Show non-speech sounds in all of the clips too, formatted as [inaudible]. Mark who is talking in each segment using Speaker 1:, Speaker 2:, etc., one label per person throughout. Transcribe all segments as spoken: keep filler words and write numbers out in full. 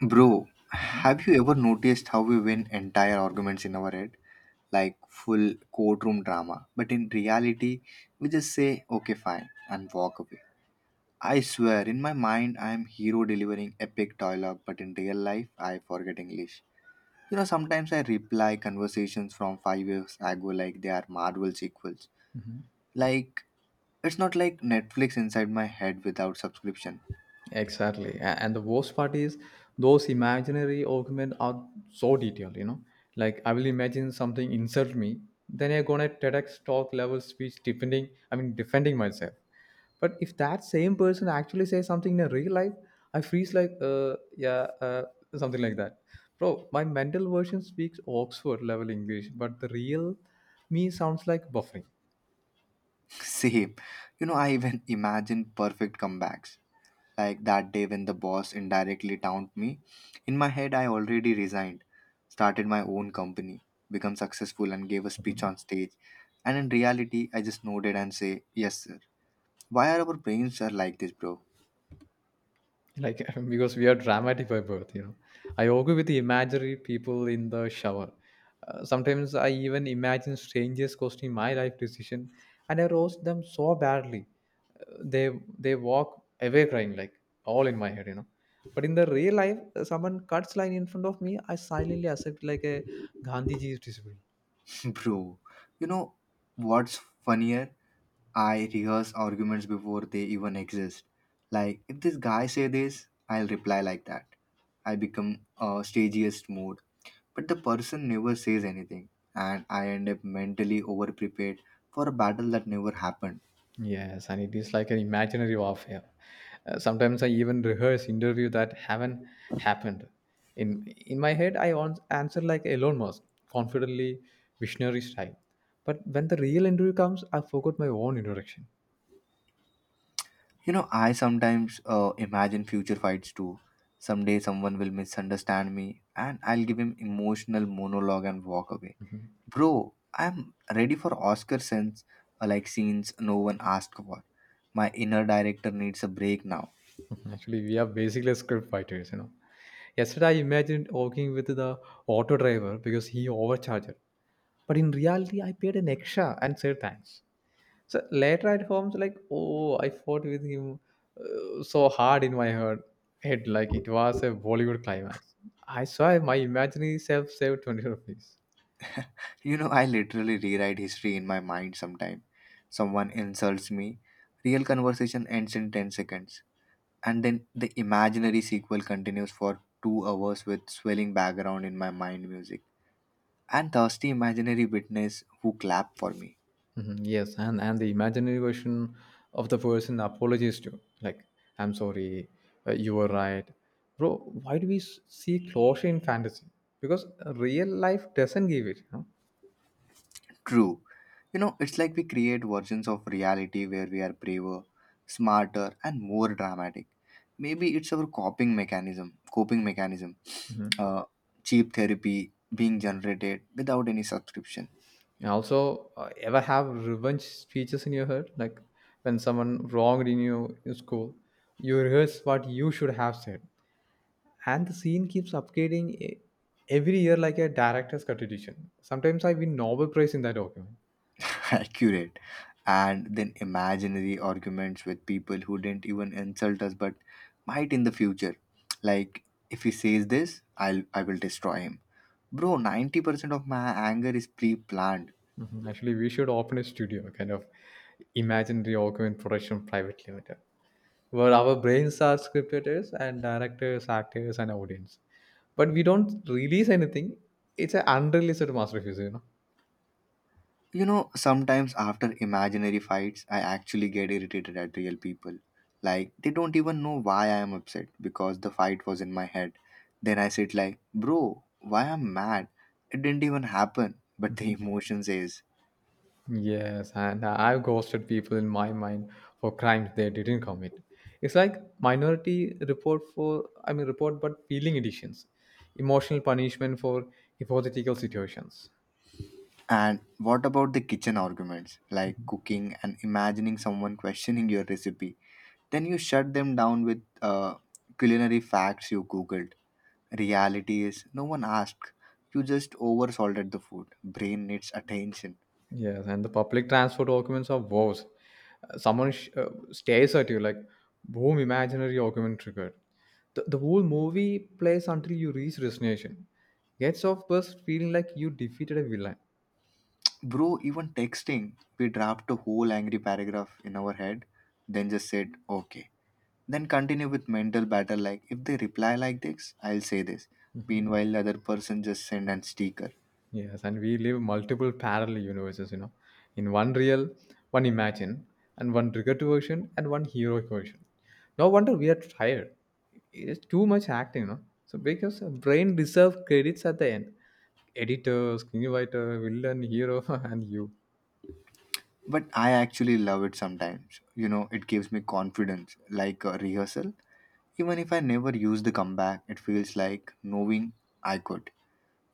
Speaker 1: Bro,
Speaker 2: Mhm.
Speaker 1: have you ever noticed how we win entire arguments in our head? Like full courtroom drama. But in reality, we just say, okay, fine, and walk away. I swear, in my mind, I am hero delivering epic dialogue, but in real life, I forget English. You know, sometimes I reply conversations from five years ago like they are Marvel sequels.
Speaker 2: Mhm.
Speaker 1: Like, it's not like Netflix inside my head without subscription.
Speaker 2: Exactly. A- And the worst part is those imaginary arguments are so detailed, you know. Like I will imagine something insult me, then I go on a TEDx talk level speech defending I mean defending myself. But if that same person actually says something in a real life, I freeze like uh yeah, uh something like that. Bro, my mental version speaks Oxford level English, but the real me sounds like buffering.
Speaker 1: [laughs] Same. You know, I even imagine perfect comebacks like that day when the boss indirectly taunted me. In my head, I already resigned, started my own company, become successful, and gave a speech on stage. And in reality, I just nodded and say, "Yes, sir." Why are our brains are like this, bro?
Speaker 2: Like [laughs] because we are dramatic by birth, you know. I argue with the imaginary people in the shower. Uh, sometimes I even imagine strangers questioning my life decision, and I roast them so badly, uh, they they walk away crying, like all in my head you know But in the real life, uh, someone cuts line in front of me, I silently accept like a Gandhi is discipline.
Speaker 1: [laughs] Bro, you know what's funnier? I rehearse arguments before they even exist. Like if this guy say this, I'll reply like that. I become a stagiest mood. But the person never says anything, and I end up mentally overprepared for a battle that never happened.
Speaker 2: Yes, and it is like an imaginary warfare. Uh, sometimes I even rehearse interview that haven't happened. In in my head, I ans- answer like Elon Musk, confidently, visionary style. But when the real interview comes, I forgot my own introduction.
Speaker 1: You know, I sometimes uh, imagine future fights too. Someday someone will misunderstand me and I'll give him emotional monologue and walk away. Bro, I'm ready for oscar scenes, uh, like scenes no one asked for. My inner director needs a break now.
Speaker 2: [laughs] Actually, we are basically script fighters, you know. Yesterday, I imagined working with the auto driver because he overcharged. But in reality, I paid an extra and said thanks. So later at home, it's like, oh, I fought with him uh, so hard in my head, head, like it was a Bollywood climax. I saw my imaginary self save twenty rupees.
Speaker 1: You know, I literally rewrite history in my mind sometime. Someone insults me, real conversation ends in ten seconds. And then the imaginary sequel continues for two hours with swelling background in my mind music and thirsty imaginary witness who clap for me.
Speaker 2: Mhm. Yes, and and the imaginary version of the person apologizes to, like, "I'm sorry, uh, you were right, bro." Why do we s- see closure in fantasy? Because real life doesn't give it. Huh?
Speaker 1: True. You know, it's like we create versions of reality where we are braver, smarter, and more dramatic. Maybe it's our coping mechanism, coping mechanism,
Speaker 2: Mhm.
Speaker 1: uh, cheap therapy being generated without any subscription.
Speaker 2: And also, uh, ever have revenge speeches in your head, like when someone wronged in your, your school, you rehearse what you should have said, and the scene keeps upgrading e- every year like a director's cut edition. Sometimes I win Nobel Prize in that document.
Speaker 1: [laughs] Accurate. And then imaginary arguments with people who didn't even insult us but might in the future. Like if he says this, i'll i will destroy him. Bro, ninety percent of my anger is pre-planned.
Speaker 2: Mhm. Actually, we should open a studio, kind of imaginary augment production private limited, where our brains are script writers and directors, actors, and audience. But we don't release anything. It's an unreleased masterpiece, you know.
Speaker 1: You know, sometimes after imaginary fights I actually get irritated at real people. Like they don't even know why I am upset because the fight was in my head. Then I sit like, bro, why I'm mad? It didn't even happen, but the [laughs]
Speaker 2: Mhm.
Speaker 1: emotion says.
Speaker 2: Yes, and I've ghosted people in my mind for crimes they didn't commit. It's like minority report for, I mean, report but feeling editions, emotional punishment for hypothetical situations.
Speaker 1: And what about the kitchen arguments, like cooking and imagining someone questioning your recipe? Then you shut them down with uh, culinary facts you googled. Reality is, no one asked. You just over salted the food. Brain needs attention.
Speaker 2: Yes, and the public transport documents are worse. Uh, Someone sh- uh, stares at you like, boom, imaginary document triggered. The, the whole movie plays until you reach destination. Gets off bus feeling like you defeated a villain.
Speaker 1: Bro, even texting, we draft a whole angry paragraph in our head, then just said, okay. Then continue with mental battle like, if they reply like this, I'll say this. Meanwhile, the other person just send an sticker.
Speaker 2: Yes, and we live multiple parallel universes, you know. In one real, one imagine, and one regret version, and one heroic version. No wonder we are tired. It's too much acting, you know. So because the brain deserve credits at the end. Editor, screenwriter, villain, hero, [laughs] and you.
Speaker 1: But I actually love it sometimes. You know, it gives me confidence, like a rehearsal. Even if I never use the comeback, it feels like knowing I could.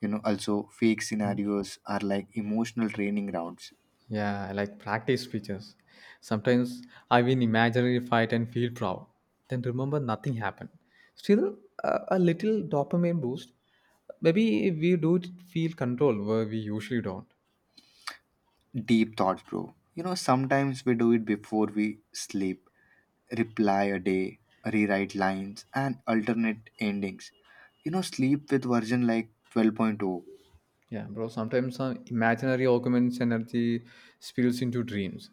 Speaker 1: You know, also fake scenarios are like emotional training rounds.
Speaker 2: Yeah, I like practice speeches. Sometimes I win imaginary fight and feel proud. Then remember nothing happened. Still, uh, a little dopamine boost. Maybe we do feel control where we usually don't.
Speaker 1: Deep thoughts, bro. You know, sometimes we do it before we sleep. Reply a day, rewrite lines, and alternate endings. You know, sleep with version like 12.0.
Speaker 2: Yeah, bro. Sometimes some imaginary arguments energy spills into dreams.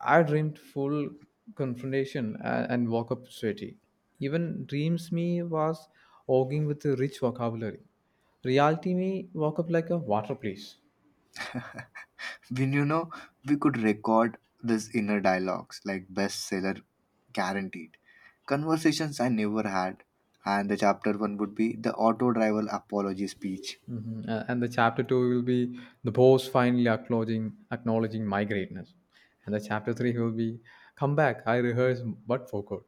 Speaker 2: I dreamed full confrontation, uh, and woke up sweaty. Even dreams me was arguing with a rich vocabulary. Reality me woke up like a water place.
Speaker 1: When you know, we could record this inner dialogues like bestseller guaranteed. Conversations I never had, and the chapter one would be the auto driver apology speech.
Speaker 2: Mhm. Uh, and the chapter two will be the boss finally acknowledging acknowledging my greatness, and the chapter three will be come back. I rehearse but forgot.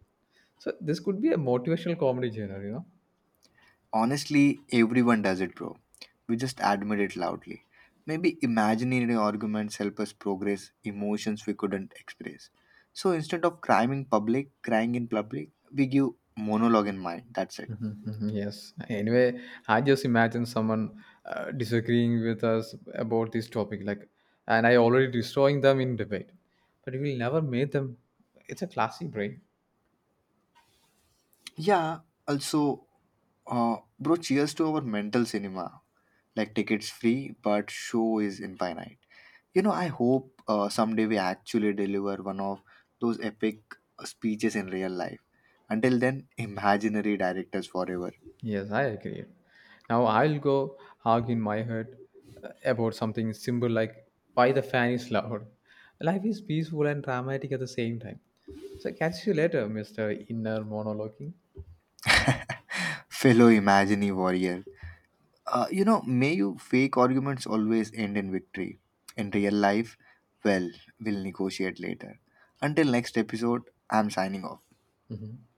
Speaker 2: So this could be a motivational comedy genre, you know.
Speaker 1: Honestly, everyone does it, bro. We just admit it loudly. Maybe imaginary arguments help us progress emotions we couldn't express. So instead of crying in public, crying in public, we give monologue in mind. That's it.
Speaker 2: Mhm. Yes. Anyway, I just imagine someone uh, disagreeing with us about this topic, like, and I already destroying them in debate, but we will never make them. It's a classic brain.
Speaker 1: Yeah, also, uh, bro, cheers to our mental cinema. Like, tickets free, but show is infinite. You know, I hope uh, someday we actually deliver one of those epic uh, speeches in real life. Until then, imaginary directors forever.
Speaker 2: Yes, I agree. Now I'll go argue in my head uh, about something simple like why the fan is loud. Life is peaceful and dramatic at the same time. So catch you later, mister Inner Monologuing.
Speaker 1: [laughs] Fellow imaginary warrior. Uh, you know, may you fake arguments always end in victory. In real life, well, we'll negotiate later. Until next episode, I'm signing off.
Speaker 2: Mhm.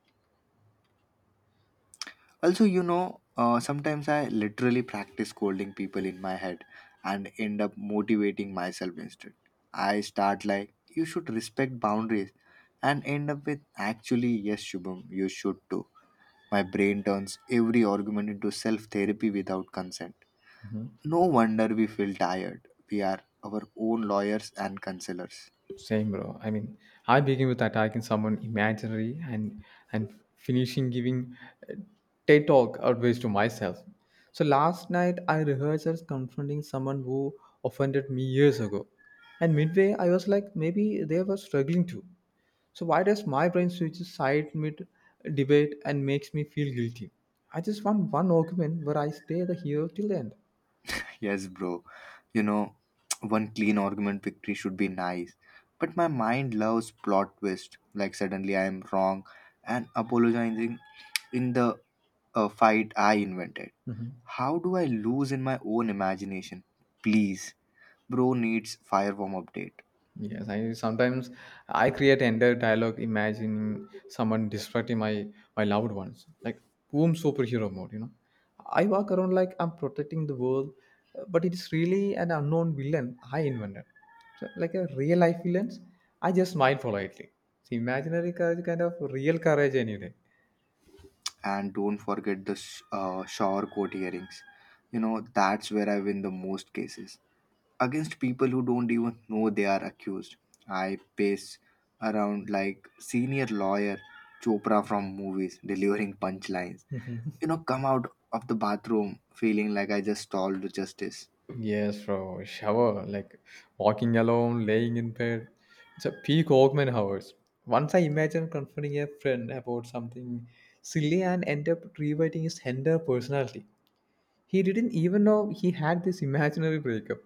Speaker 1: Also, you know, uh, sometimes I literally practice scolding people in my head and end up motivating myself instead. I start like, you should respect boundaries and end up with, actually, yes, Shubham, you should too. My brain turns every argument into self therapy without consent. No wonder we feel tired. We are our own lawyers and counselors.
Speaker 2: Same, bro. I mean, I begin with attacking someone imaginary and and finishing giving uh, TED talk advice to myself. So last night I rehearsed as confronting someone who offended me years ago, and midway I was like, maybe they were struggling too. So why does my brain switches side mid debate and makes me feel guilty? I just want one argument where I stay the hero till the end.
Speaker 1: Yes, bro. You know, [tsk] one clean argument victory should be nice. But my mind loves plot twist. Like suddenly I am wrong and apologizing in the uh, fight I invented.
Speaker 2: Mhm.
Speaker 1: How do I lose in my own imagination? Please, bro needs fireworm update.
Speaker 2: Yes, I sometimes I create entire dialogue imagining someone disrupting my my loved ones, like boom superhero mode. You know, I walk around like I'm protecting the world, uh, but it's really an unknown villain I invented. So like a real life villains, I just smile politely. It's imaginary courage, kind of real courage anyway.
Speaker 1: And don't forget the sh- uh, shower court hearings. You know, that's where I win the most cases against people who don't even know they are accused. I pace around like senior lawyer Chopra from movies, delivering punchlines. You know, come out of the bathroom feeling like I just stalled justice.
Speaker 2: Yes, bro. Shower, like walking alone, laying in bed. It's a peak Walkman hours. Once I imagine confronting a friend about something silly and end up rewriting his entire personality. He didn't even know he had this imaginary breakup.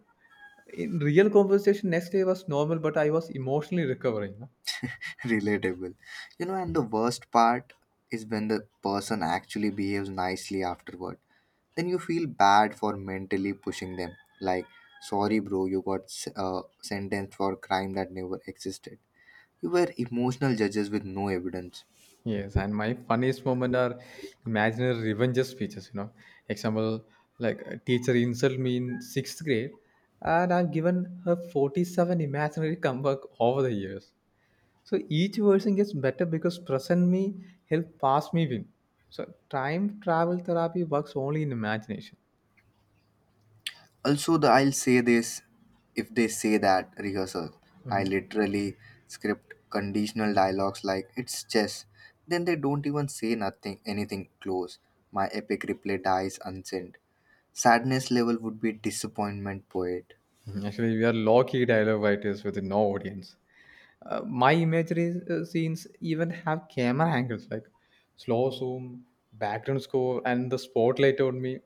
Speaker 2: In real conversation, next day was normal, but I was emotionally recovering.
Speaker 1: [laughs] Relatable. You know, and the worst part is when the person actually behaves nicely afterward. Then you feel bad for mentally pushing them. Like, sorry, bro, you got s- uh, sentenced for crime that never existed. You were emotional judges with no evidence.
Speaker 2: Yes, and my funniest moment are imaginary revenge speeches. You know, example like a teacher insult me in sixth grade, and I've given her forty-seven imaginary comeback over the years. So each version gets better because present me help past me win. So time travel therapy works only in imagination.
Speaker 1: Also, the I'll say this if they say that rehearsal, I literally script conditional dialogues like it's chess. Then they don't even say nothing, anything close. My epic replay dies unsent. Sadness level would be disappointment poet.
Speaker 2: Mhm. Actually, we are low-key dialogue writers with no audience. Uh, my imagery uh, scenes even have camera angles like slow zoom, background score, and the spotlight on me.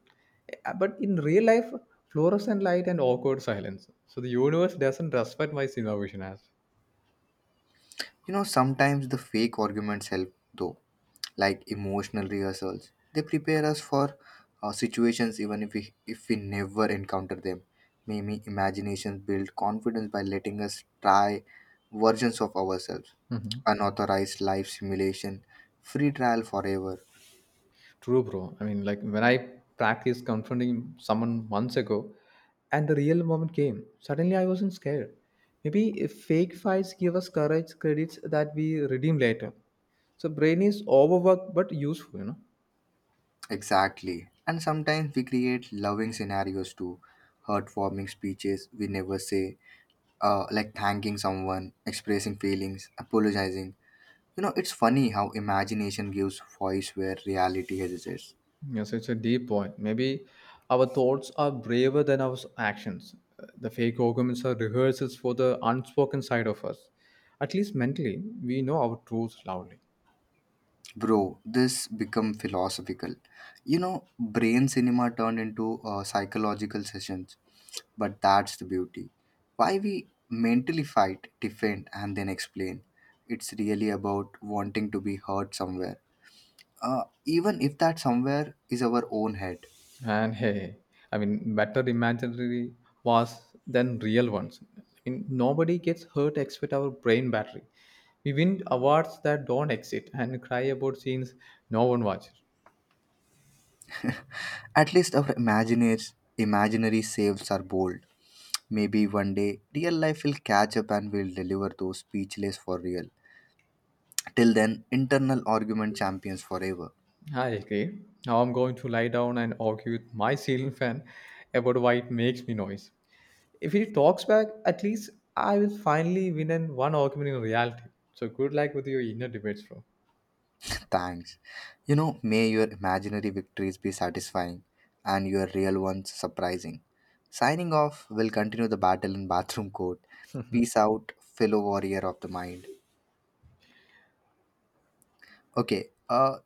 Speaker 2: Uh, But in real life, fluorescent light and awkward silence. So the universe doesn't respect my cinema as
Speaker 1: You know, sometimes the fake arguments help though. Like emotional rehearsals. They prepare us for uh, situations even if we if we never encounter them. Maybe imagination build confidence by letting us try versions of ourselves. Unauthorized life simulation, free trial forever.
Speaker 2: true, bro. I mean, like when I practiced confronting someone months ago, and the real moment came. Suddenly, I wasn't scared. Maybe if fake fights give us courage credits that we redeem later. So brain is overworked but useful, you know.
Speaker 1: Exactly. And sometimes we create loving scenarios too. Heartwarming speeches we never say, uh, like thanking someone, expressing feelings, apologizing. You know, it's funny how imagination gives voice where reality hesitates.
Speaker 2: Yes, it's a deep point. Maybe our thoughts are braver than our s- actions. Uh, The fake arguments are rehearsals for the unspoken side of us. At least mentally, we know our truths loudly.
Speaker 1: Bro, this become philosophical. You know, brain cinema turned into uh, psychological sessions, but that's the beauty. Why we mentally fight, defend, and then explain. It's really about wanting to be heard somewhere, uh, even if that somewhere is our own head.
Speaker 2: And hey, I mean, better imaginary was than real ones. I mean, nobody gets hurt except our brain battery. We win awards that don't exist and cry about scenes no one watches.
Speaker 1: At least our imaginaries, imaginary selves are bold. Maybe one day real life will catch up and we'll deliver those speechless for real. Till then, internal argument champions forever.
Speaker 2: I agree. Now I'm going to lie down and argue with my ceiling fan about why it makes me noise. If he talks back, at least I will finally win in one argument in reality. So good luck with your inner debates, bro.
Speaker 1: [laughs] Thanks. You know, may your imaginary victories be satisfying and your real ones surprising. Signing off, we'll continue the battle in bathroom court. Peace out, fellow warrior of the mind. Okay, uh,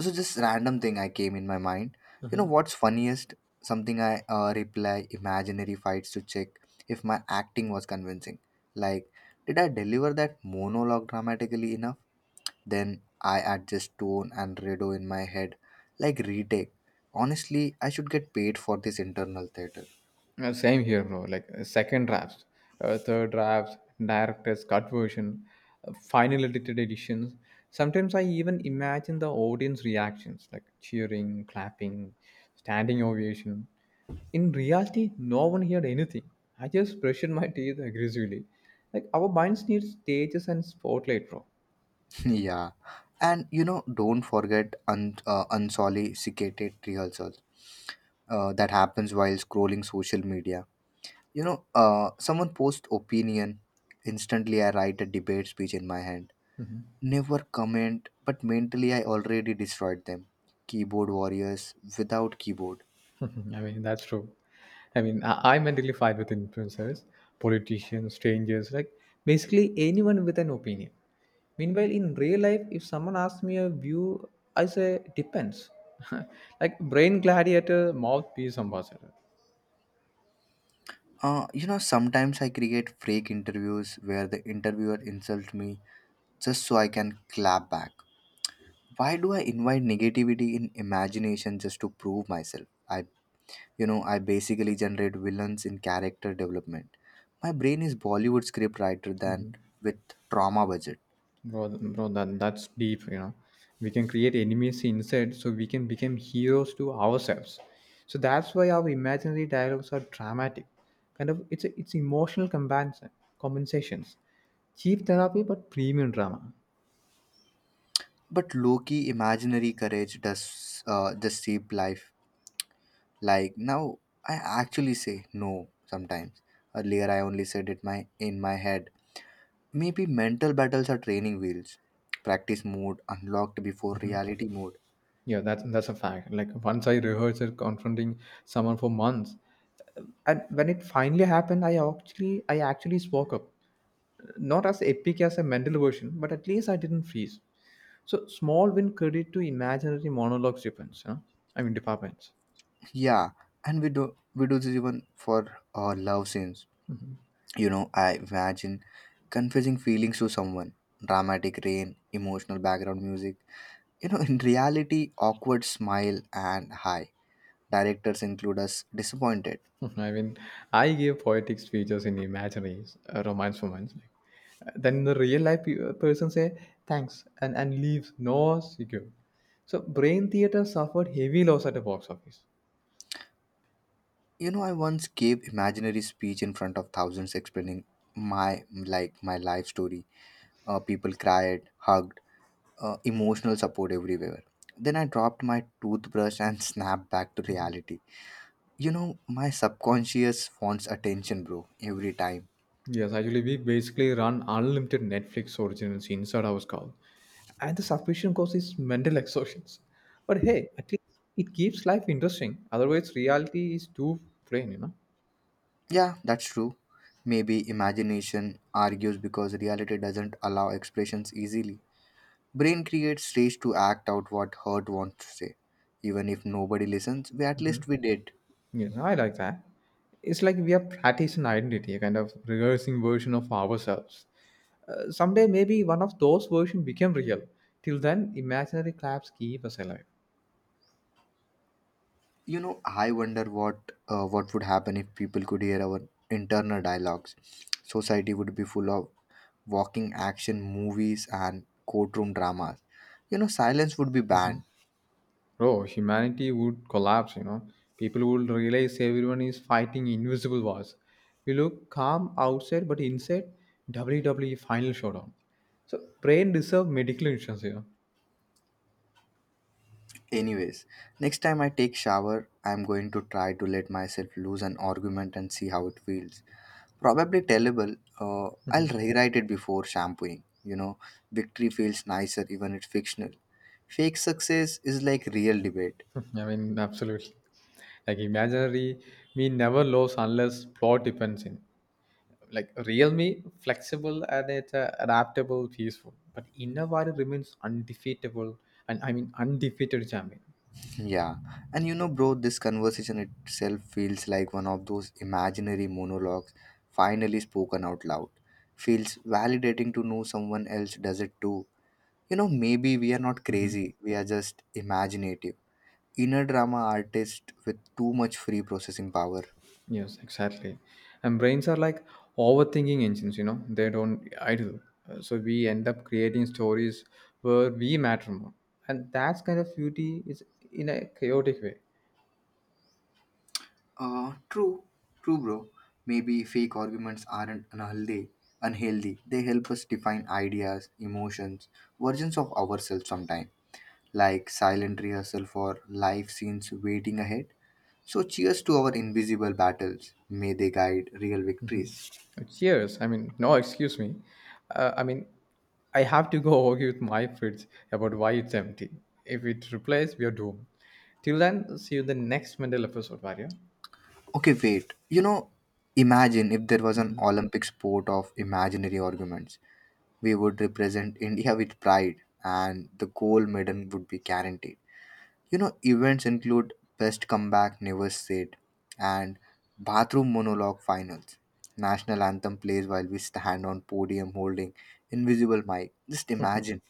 Speaker 1: so just random thing I came in my mind. You know what's funniest? Something I uh, reply imaginary fights to check if my acting was convincing. Like did I deliver that monologue dramatically enough? Then I adjust tone and redo in my head, like retake. Honestly, I should get paid for this internal theater.
Speaker 2: Uh, same here, bro. Like uh, second drafts, uh, third drafts, director's cut version, uh, final edited editions. Sometimes I even imagine the audience reactions, like cheering, clapping, standing ovation. In reality, no one heard anything. I just brushed my teeth aggressively. Like our minds need stages and spotlight, bro.
Speaker 1: [laughs] Yeah, and you know, don't forget un- uh, unsolicited rehearsals, uh, that happens while scrolling social media. You know, uh, someone posts opinion. Instantly, I write a debate speech in my hand. Never comment, but mentally, I already destroyed them. Keyboard warriors without keyboard.
Speaker 2: [laughs] I mean, that's true. I mean, I, I mentally fight with influencers, politicians, strangers, like basically anyone with an opinion. Meanwhile, in real life, if someone asks me a view, I say depends. [laughs] Like brain gladiator, mouthpiece ambassador.
Speaker 1: Uh, you know, sometimes I create fake interviews where the interviewer insults me just so I can clap back. Why do I invite negativity in imagination just to prove myself? I, you know, I basically generate villains in character development. My brain is Bollywood script writer than with trauma budget.
Speaker 2: Bro, bro, that that's deep. You know, we can create enemies inside, so we can become heroes to ourselves. So that's why our imaginary dialogues are dramatic. Kind of, it's a, it's emotional compensation, compensations, cheap therapy but premium drama.
Speaker 1: But Loki imaginary courage does uh, just shape life. Like now I actually say no sometimes. Earlier I only said it my in my head. Maybe mental battles are training wheels. Practice mode unlocked before reality mode.
Speaker 2: Yeah, that's that's a fact. Like once I rehearsed it, confronting someone for months, and when it finally happened, I actually I actually spoke up. Not as epic as a mental version, but at least I didn't freeze. So small win credit to imaginary monologues depends, huh? I mean departments.
Speaker 1: Yeah, and we do we do this even for uh, love scenes. You know, I imagine confessing feelings to someone. Dramatic rain, emotional background music. You know, in reality, awkward smile and hi. Directors include us disappointed.
Speaker 2: [laughs] I mean, I gave poetic speeches in imaginary uh, romance moments. Like, uh, then the real life pe- uh, person say thanks and, and leaves no secure. So Brain Theater suffered heavy loss at the box office.
Speaker 1: You know, I once gave imaginary speech in front of thousands explaining my like my life story. Uh, people cried, hugged, uh, emotional support everywhere. Then I dropped my toothbrush and [laughs] snapped back to reality. You know, my subconscious wants attention, bro, every time.
Speaker 2: Yes, actually we basically run unlimited Netflix originals inside our skull. And the sufficient cause is mental [laughs] exhaustions. But hey, at least it keeps life interesting. Otherwise reality is too plain, you know.
Speaker 1: Yeah, that's true. Maybe imagination argues because reality doesn't allow expressions easily. Brain creates space to act out what heart wants to say. Even if nobody listens, we at least we did.
Speaker 2: Yes, I like that. It's like we are practicing identity, a kind of rehearsing version of ourselves. Uh, someday, maybe one of those versions become real. Till then, imaginary claps keep us alive.
Speaker 1: You know, I wonder what uh, what would happen if people could hear our internal dialogues. Society would be full of walking action movies and courtroom dramas. You know, silence would be banned.
Speaker 2: Bro, humanity would collapse, you know. People would realize everyone is fighting invisible wars. We look calm outside, but inside, W W E Final Showdown. So, brain deserve medical insurance, you know.
Speaker 1: Anyways, next time I take shower, I'm going to try to let myself lose an argument and see how it feels. Probably tellable. Uh, I'll
Speaker 2: Mhm.
Speaker 1: rewrite it before shampooing. You know, victory feels nicer even it's fictional. Fake success is like real debate.
Speaker 2: [laughs] I mean, absolutely. Like imaginary, we never lose unless plot depends in. Like real me flexible and it, uh, adaptable peaceful but Inawari remains undefeatable, and I mean undefeated champion.
Speaker 1: Yeah. And you know, bro, this conversation itself feels like one of those imaginary monologues finally spoken out loud. Feels validating to know someone else does it too. You know, maybe we are not
Speaker 2: Mhm.
Speaker 1: crazy, we are just imaginative. Inner drama artists with too much free processing power.
Speaker 2: Yes, exactly. And brains are like overthinking engines, you know, they don't idle. Uh, so we end up creating stories where we matter more, and that's kind of beauty is in a chaotic way.
Speaker 1: Uh, true, true, bro. Maybe fake arguments aren't unhealthy. Unhealthy. They help us define ideas, emotions, versions of ourselves sometimes, like silent rehearsal for life scenes waiting ahead. So, cheers to our invisible battles. May they guide real victories.
Speaker 2: Cheers. I mean, no, excuse me. Uh, I mean, I have to go [laughs] argue with my fridge about why it's empty. If it replies, we are doomed. Till then, see you in the next mental episode, Mario.
Speaker 1: Okay, wait. You know, imagine if there was an Olympic sport of imaginary arguments. We would represent India with pride, and the gold medal would be guaranteed. You know, events include Best Comeback Never Said and Bathroom Monologue Finals. National anthem plays while we stand on podium holding invisible mic. Just imagine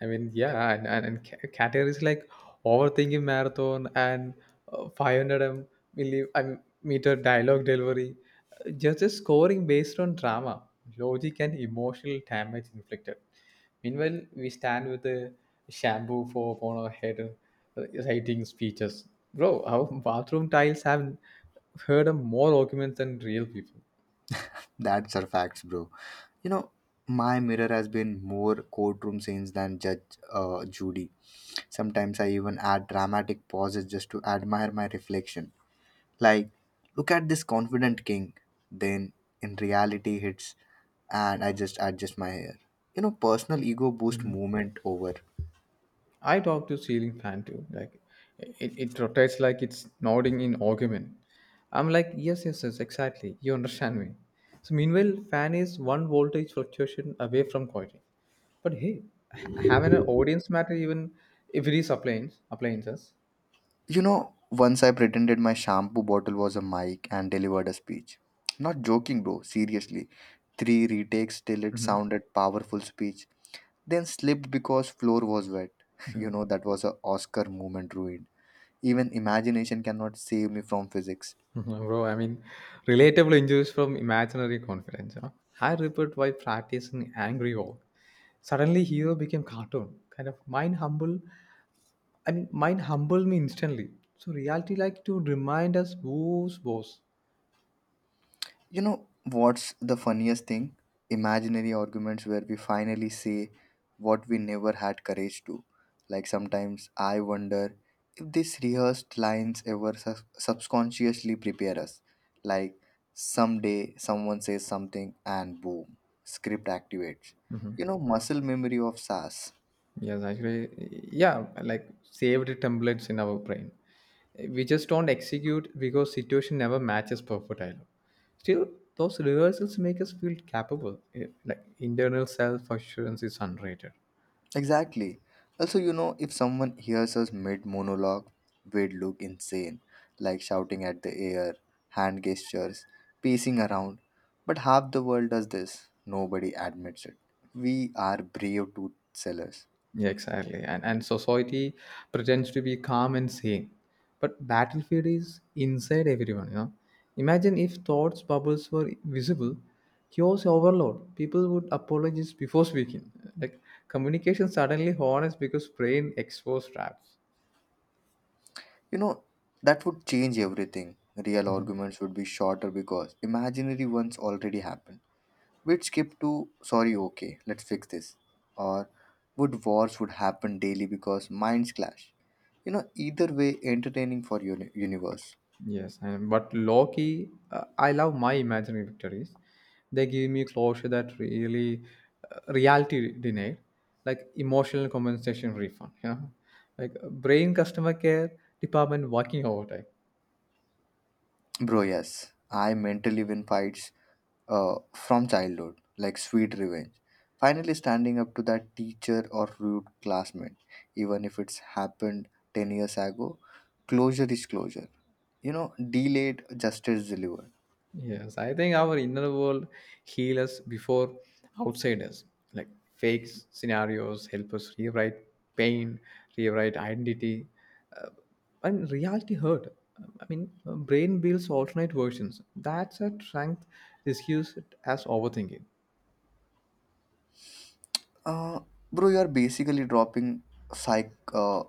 Speaker 2: I mean, yeah, and and, and ca- Categories like overthinking marathon and uh, five hundred m milli, I mean, meter dialogue delivery, uh, just a scoring based on drama, logic, and emotional damage inflicted. Meanwhile, we stand with a shampoo for upon our head, uh, reciting speeches. Bro, our bathroom tiles have heard of more arguments than real people.
Speaker 1: that's our facts, bro. You know, my mirror has been more courtroom scenes than Judge uh, Judy. Sometimes I even add dramatic pauses just to admire my reflection. Like, look at this confident king. Then, in reality, hits and I just adjust my hair. You know, personal ego boost movement over.
Speaker 2: I talk to ceiling fan too. Like it, it rotates like it's nodding in argument. I'm like, yes, yes, yes, exactly. You understand me. So meanwhile, fan is one voltage fluctuation away from quieting. But hey, ha- having an audience matter even if it is appliance appliances.
Speaker 1: You know, once I pretended my shampoo bottle was a mic and delivered a speech. Not joking, bro, seriously. Three retakes till it
Speaker 2: Mhm.
Speaker 1: sounded powerful speech. Then slipped because floor was wet. [laughs] You know, that was a Oscar moment ruined. Even imagination cannot save me from physics.
Speaker 2: [laughs] Bro, I mean, relatable injuries from imaginary confidence. Huh? I report while practicing angry walk. Suddenly, hero became cartoon. Kind of mind humble I mean, Mine humbled me instantly. So reality like to remind us who's boss.
Speaker 1: You know what's the funniest thing? Imaginary arguments where we finally say what we never had courage to. Like sometimes I wonder if these rehearsed lines ever sub- subconsciously prepare us. Like someday someone says something and boom, script activates. You know, muscle memory of S A S.
Speaker 2: Yes, actually, yeah, like saved templates in our brain. We just don't execute because situation never matches perfect dialogue. Still, those rehearsals make us feel capable. Eh, Like internal self assurance is underrated.
Speaker 1: Exactly. Also, you know, if someone hears us mid monologue, we'd look insane, like shouting at the air, hand gestures, pacing around. But half the world does this. Nobody admits it. We are brave tooth sellers.
Speaker 2: Yeah, exactly. And and society pretends to be calm and sane, but battlefield is inside everyone. You know, imagine if thoughts bubbles were visible, chaos overload. People would apologize before speaking. Like communication suddenly honest because brain exposed traps.
Speaker 1: You know, that would change everything. Real arguments would be shorter because imaginary ones already happened. We'd skip to sorry, okay, let's fix this. Or would wars would happen daily because minds clash. You know, either way, entertaining for uni- universe.
Speaker 2: Yes, and but Loki, uh, I love my imaginary victories. They give me closure that really uh, reality denied, like emotional compensation refund. You know, like uh, brain customer care department working overtime.
Speaker 1: Bro, yes, I mentally win fights uh, from childhood, like sweet revenge. Finally, standing up to that teacher or rude classmate, even if it's happened ten years ago, closure is closure. You know, delayed justice delivered.
Speaker 2: Yes, I think our inner world heal us before outsiders. Like fake s- scenarios help us rewrite pain, rewrite identity, uh, and reality hurt. I mean, uh, brain builds alternate versions. That's a strength. This use it as overthinking.
Speaker 1: Uh, Bro, you're basically dropping psych uh,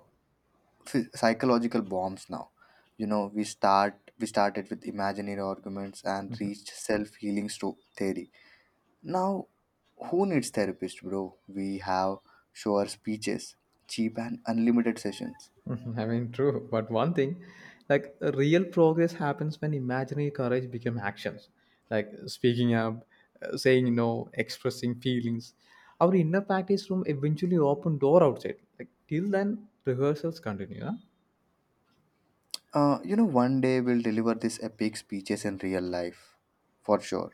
Speaker 1: phy- psychological bombs now. You know, we start we started with imaginary arguments and reached self-healing sto- theory. Now, who needs therapist, bro? We have sure speeches, cheap and unlimited sessions.
Speaker 2: [laughs] I mean, True. But one thing, like real progress happens when imaginary courage become actions, like speaking up, uh, saying no, expressing feelings. Our inner practice room eventually open door outside. Like till then, rehearsals continue. Huh?
Speaker 1: Uh, you know, one day we'll deliver these epic speeches in real life, for sure.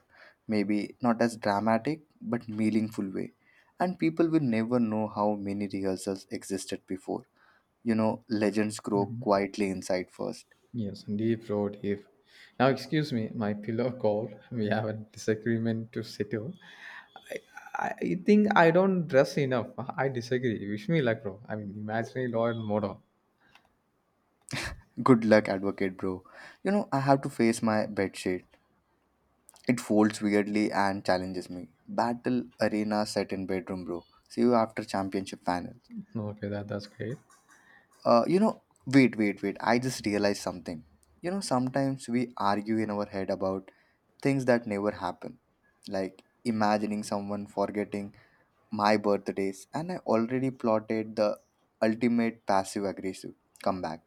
Speaker 1: Maybe not as dramatic but meaningful way, and people will never know how many rehearsals existed before. You know, legends grow quietly inside first.
Speaker 2: Yes, deep bro, deep. Now, excuse me, my pillow called. [laughs] We have a disagreement to settle. I I think I don't dress enough. I disagree. Wish me luck, bro. I mean, imaginary lawyer model.
Speaker 1: Good luck, advocate, bro. You know, I have to face my bedsheet. It folds weirdly and challenges me. Battle arena set in bedroom, bro. See you after championship finals.
Speaker 2: Okay, that that's great.
Speaker 1: Uh, you know, wait, wait, wait. I just realized something. You know, sometimes we argue in our head about things that never happen, like imagining someone forgetting my birthdays, and I already plotted the ultimate passive aggressive comeback.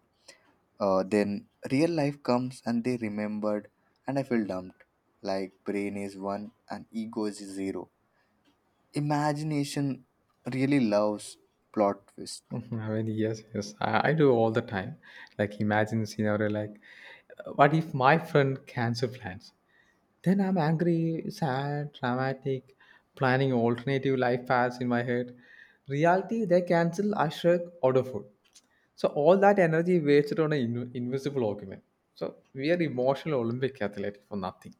Speaker 1: Uh, then real life comes and they remembered, and I feel dumped. Like brain is one and ego is zero. Imagination really loves plot twist,
Speaker 2: Mhm. I mean, yes, yes, I, I do all the time. Like, imagine scenario like, uh, what if my friend cancel plans? Then I'm angry, sad, dramatic, planning alternative life paths in my head. Reality, they cancel, I shrug, order food. So all that energy wasted on an in- invisible argument. So we are emotional Olympic athlete for nothing.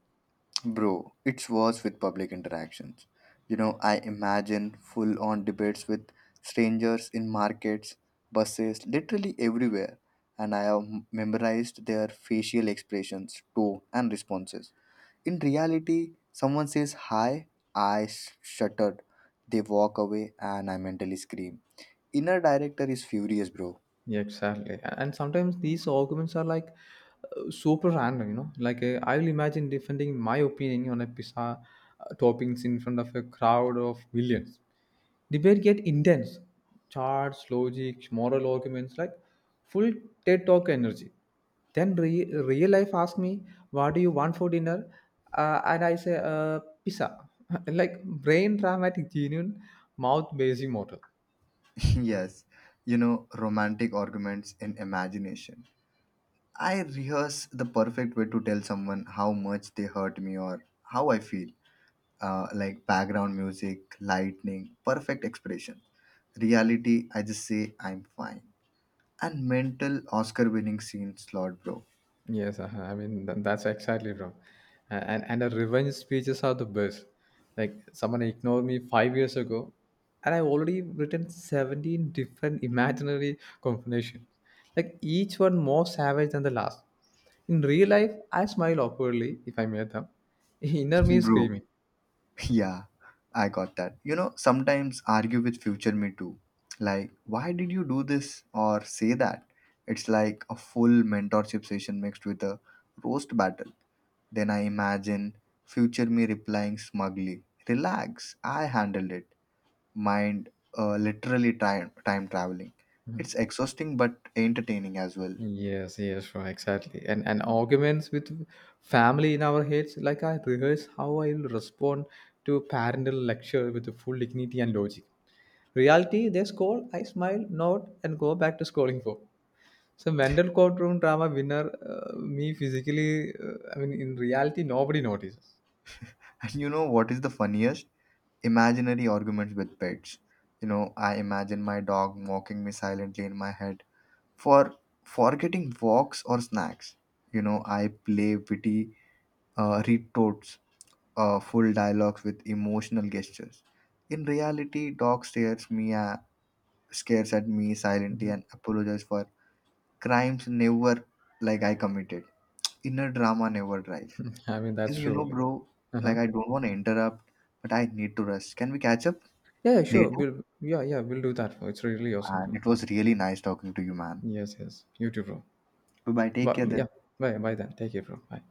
Speaker 1: bro. It's worse with public interactions. You know, I imagine full on debates with strangers in markets, buses, literally everywhere, and I have memorized their facial expressions, tone, and responses. In reality, someone says hi, I shudder. They walk away and I mentally scream. Inner director is furious, bro.
Speaker 2: Yeah, exactly. A- And sometimes these arguments are like uh, super random. You know. Like uh, I will imagine defending my opinion on a pizza uh, toppings in front of a crowd of millions. Debate get intense, charts, logic, moral arguments, like full TED talk energy. Then re- real life ask me, "What do you want for dinner?" Uh, and I say, uh, "Pizza." [laughs] Like brain dramatic, genuine, mouth basing model.
Speaker 1: [laughs] Yes, you know, romantic arguments in imagination. I rehearse the perfect way to tell someone how much they hurt me or how I feel. Uh, like background music, lightning, perfect expression. Reality, I just say I'm fine. And mental Oscar winning scene slot, bro.
Speaker 2: Yes, uh-huh. I mean th- that's exactly wrong. A- and and the revenge speeches are the best. Like someone ignored me five years ago, and I've already written seventeen different imaginary combinations, like each one more savage than the last. In real life, I smile awkwardly if I meet them. [laughs] Inner me
Speaker 1: [laughs]
Speaker 2: is
Speaker 1: Bro,
Speaker 2: screaming.
Speaker 1: [laughs] yeah, I got that. You know, sometimes argue with future me too. Like, why did you do this or say that? It's like a full mentorship session mixed with a roast battle. Then I imagine future me replying smugly, relax, I handled it. Mind uh, literally time, time traveling. It's exhausting but entertaining as well.
Speaker 2: Yes, yes, right, exactly. And and arguments with family in our heads, like I rehearse how I will respond to parental lecture with the full dignity and logic. Reality, they scold, I smile, nod, and go back to scolding for. So mental courtroom drama winner, uh, me physically, uh, I mean, in reality, nobody notices.
Speaker 1: [laughs] And you know what is the funniest? Imaginary arguments with pets. You know, I imagine my dog mocking me silently in my head for forgetting walks or snacks. You know, I play witty uh, retorts, uh, full dialogues with emotional gestures. In reality, dog stares me, uh, stares at me silently
Speaker 2: Mhm.
Speaker 1: and apologizes for crimes never like I committed. Inner drama never drives.
Speaker 2: [laughs] I mean, that's
Speaker 1: And you know,
Speaker 2: true.
Speaker 1: bro, like
Speaker 2: Uh-huh.
Speaker 1: I don't want to interrupt, but I need to rest. Can we catch up
Speaker 2: Yeah, yeah, sure.
Speaker 1: later?
Speaker 2: We'll, yeah, yeah, we'll do that. Bro. It's really awesome,
Speaker 1: And
Speaker 2: bro.
Speaker 1: it was really nice talking to you, man.
Speaker 2: Yes, yes. You too, bro.
Speaker 1: Bye bye. Take
Speaker 2: But
Speaker 1: care
Speaker 2: yeah,
Speaker 1: then.
Speaker 2: bye, bye then. Take care, bro. Bye.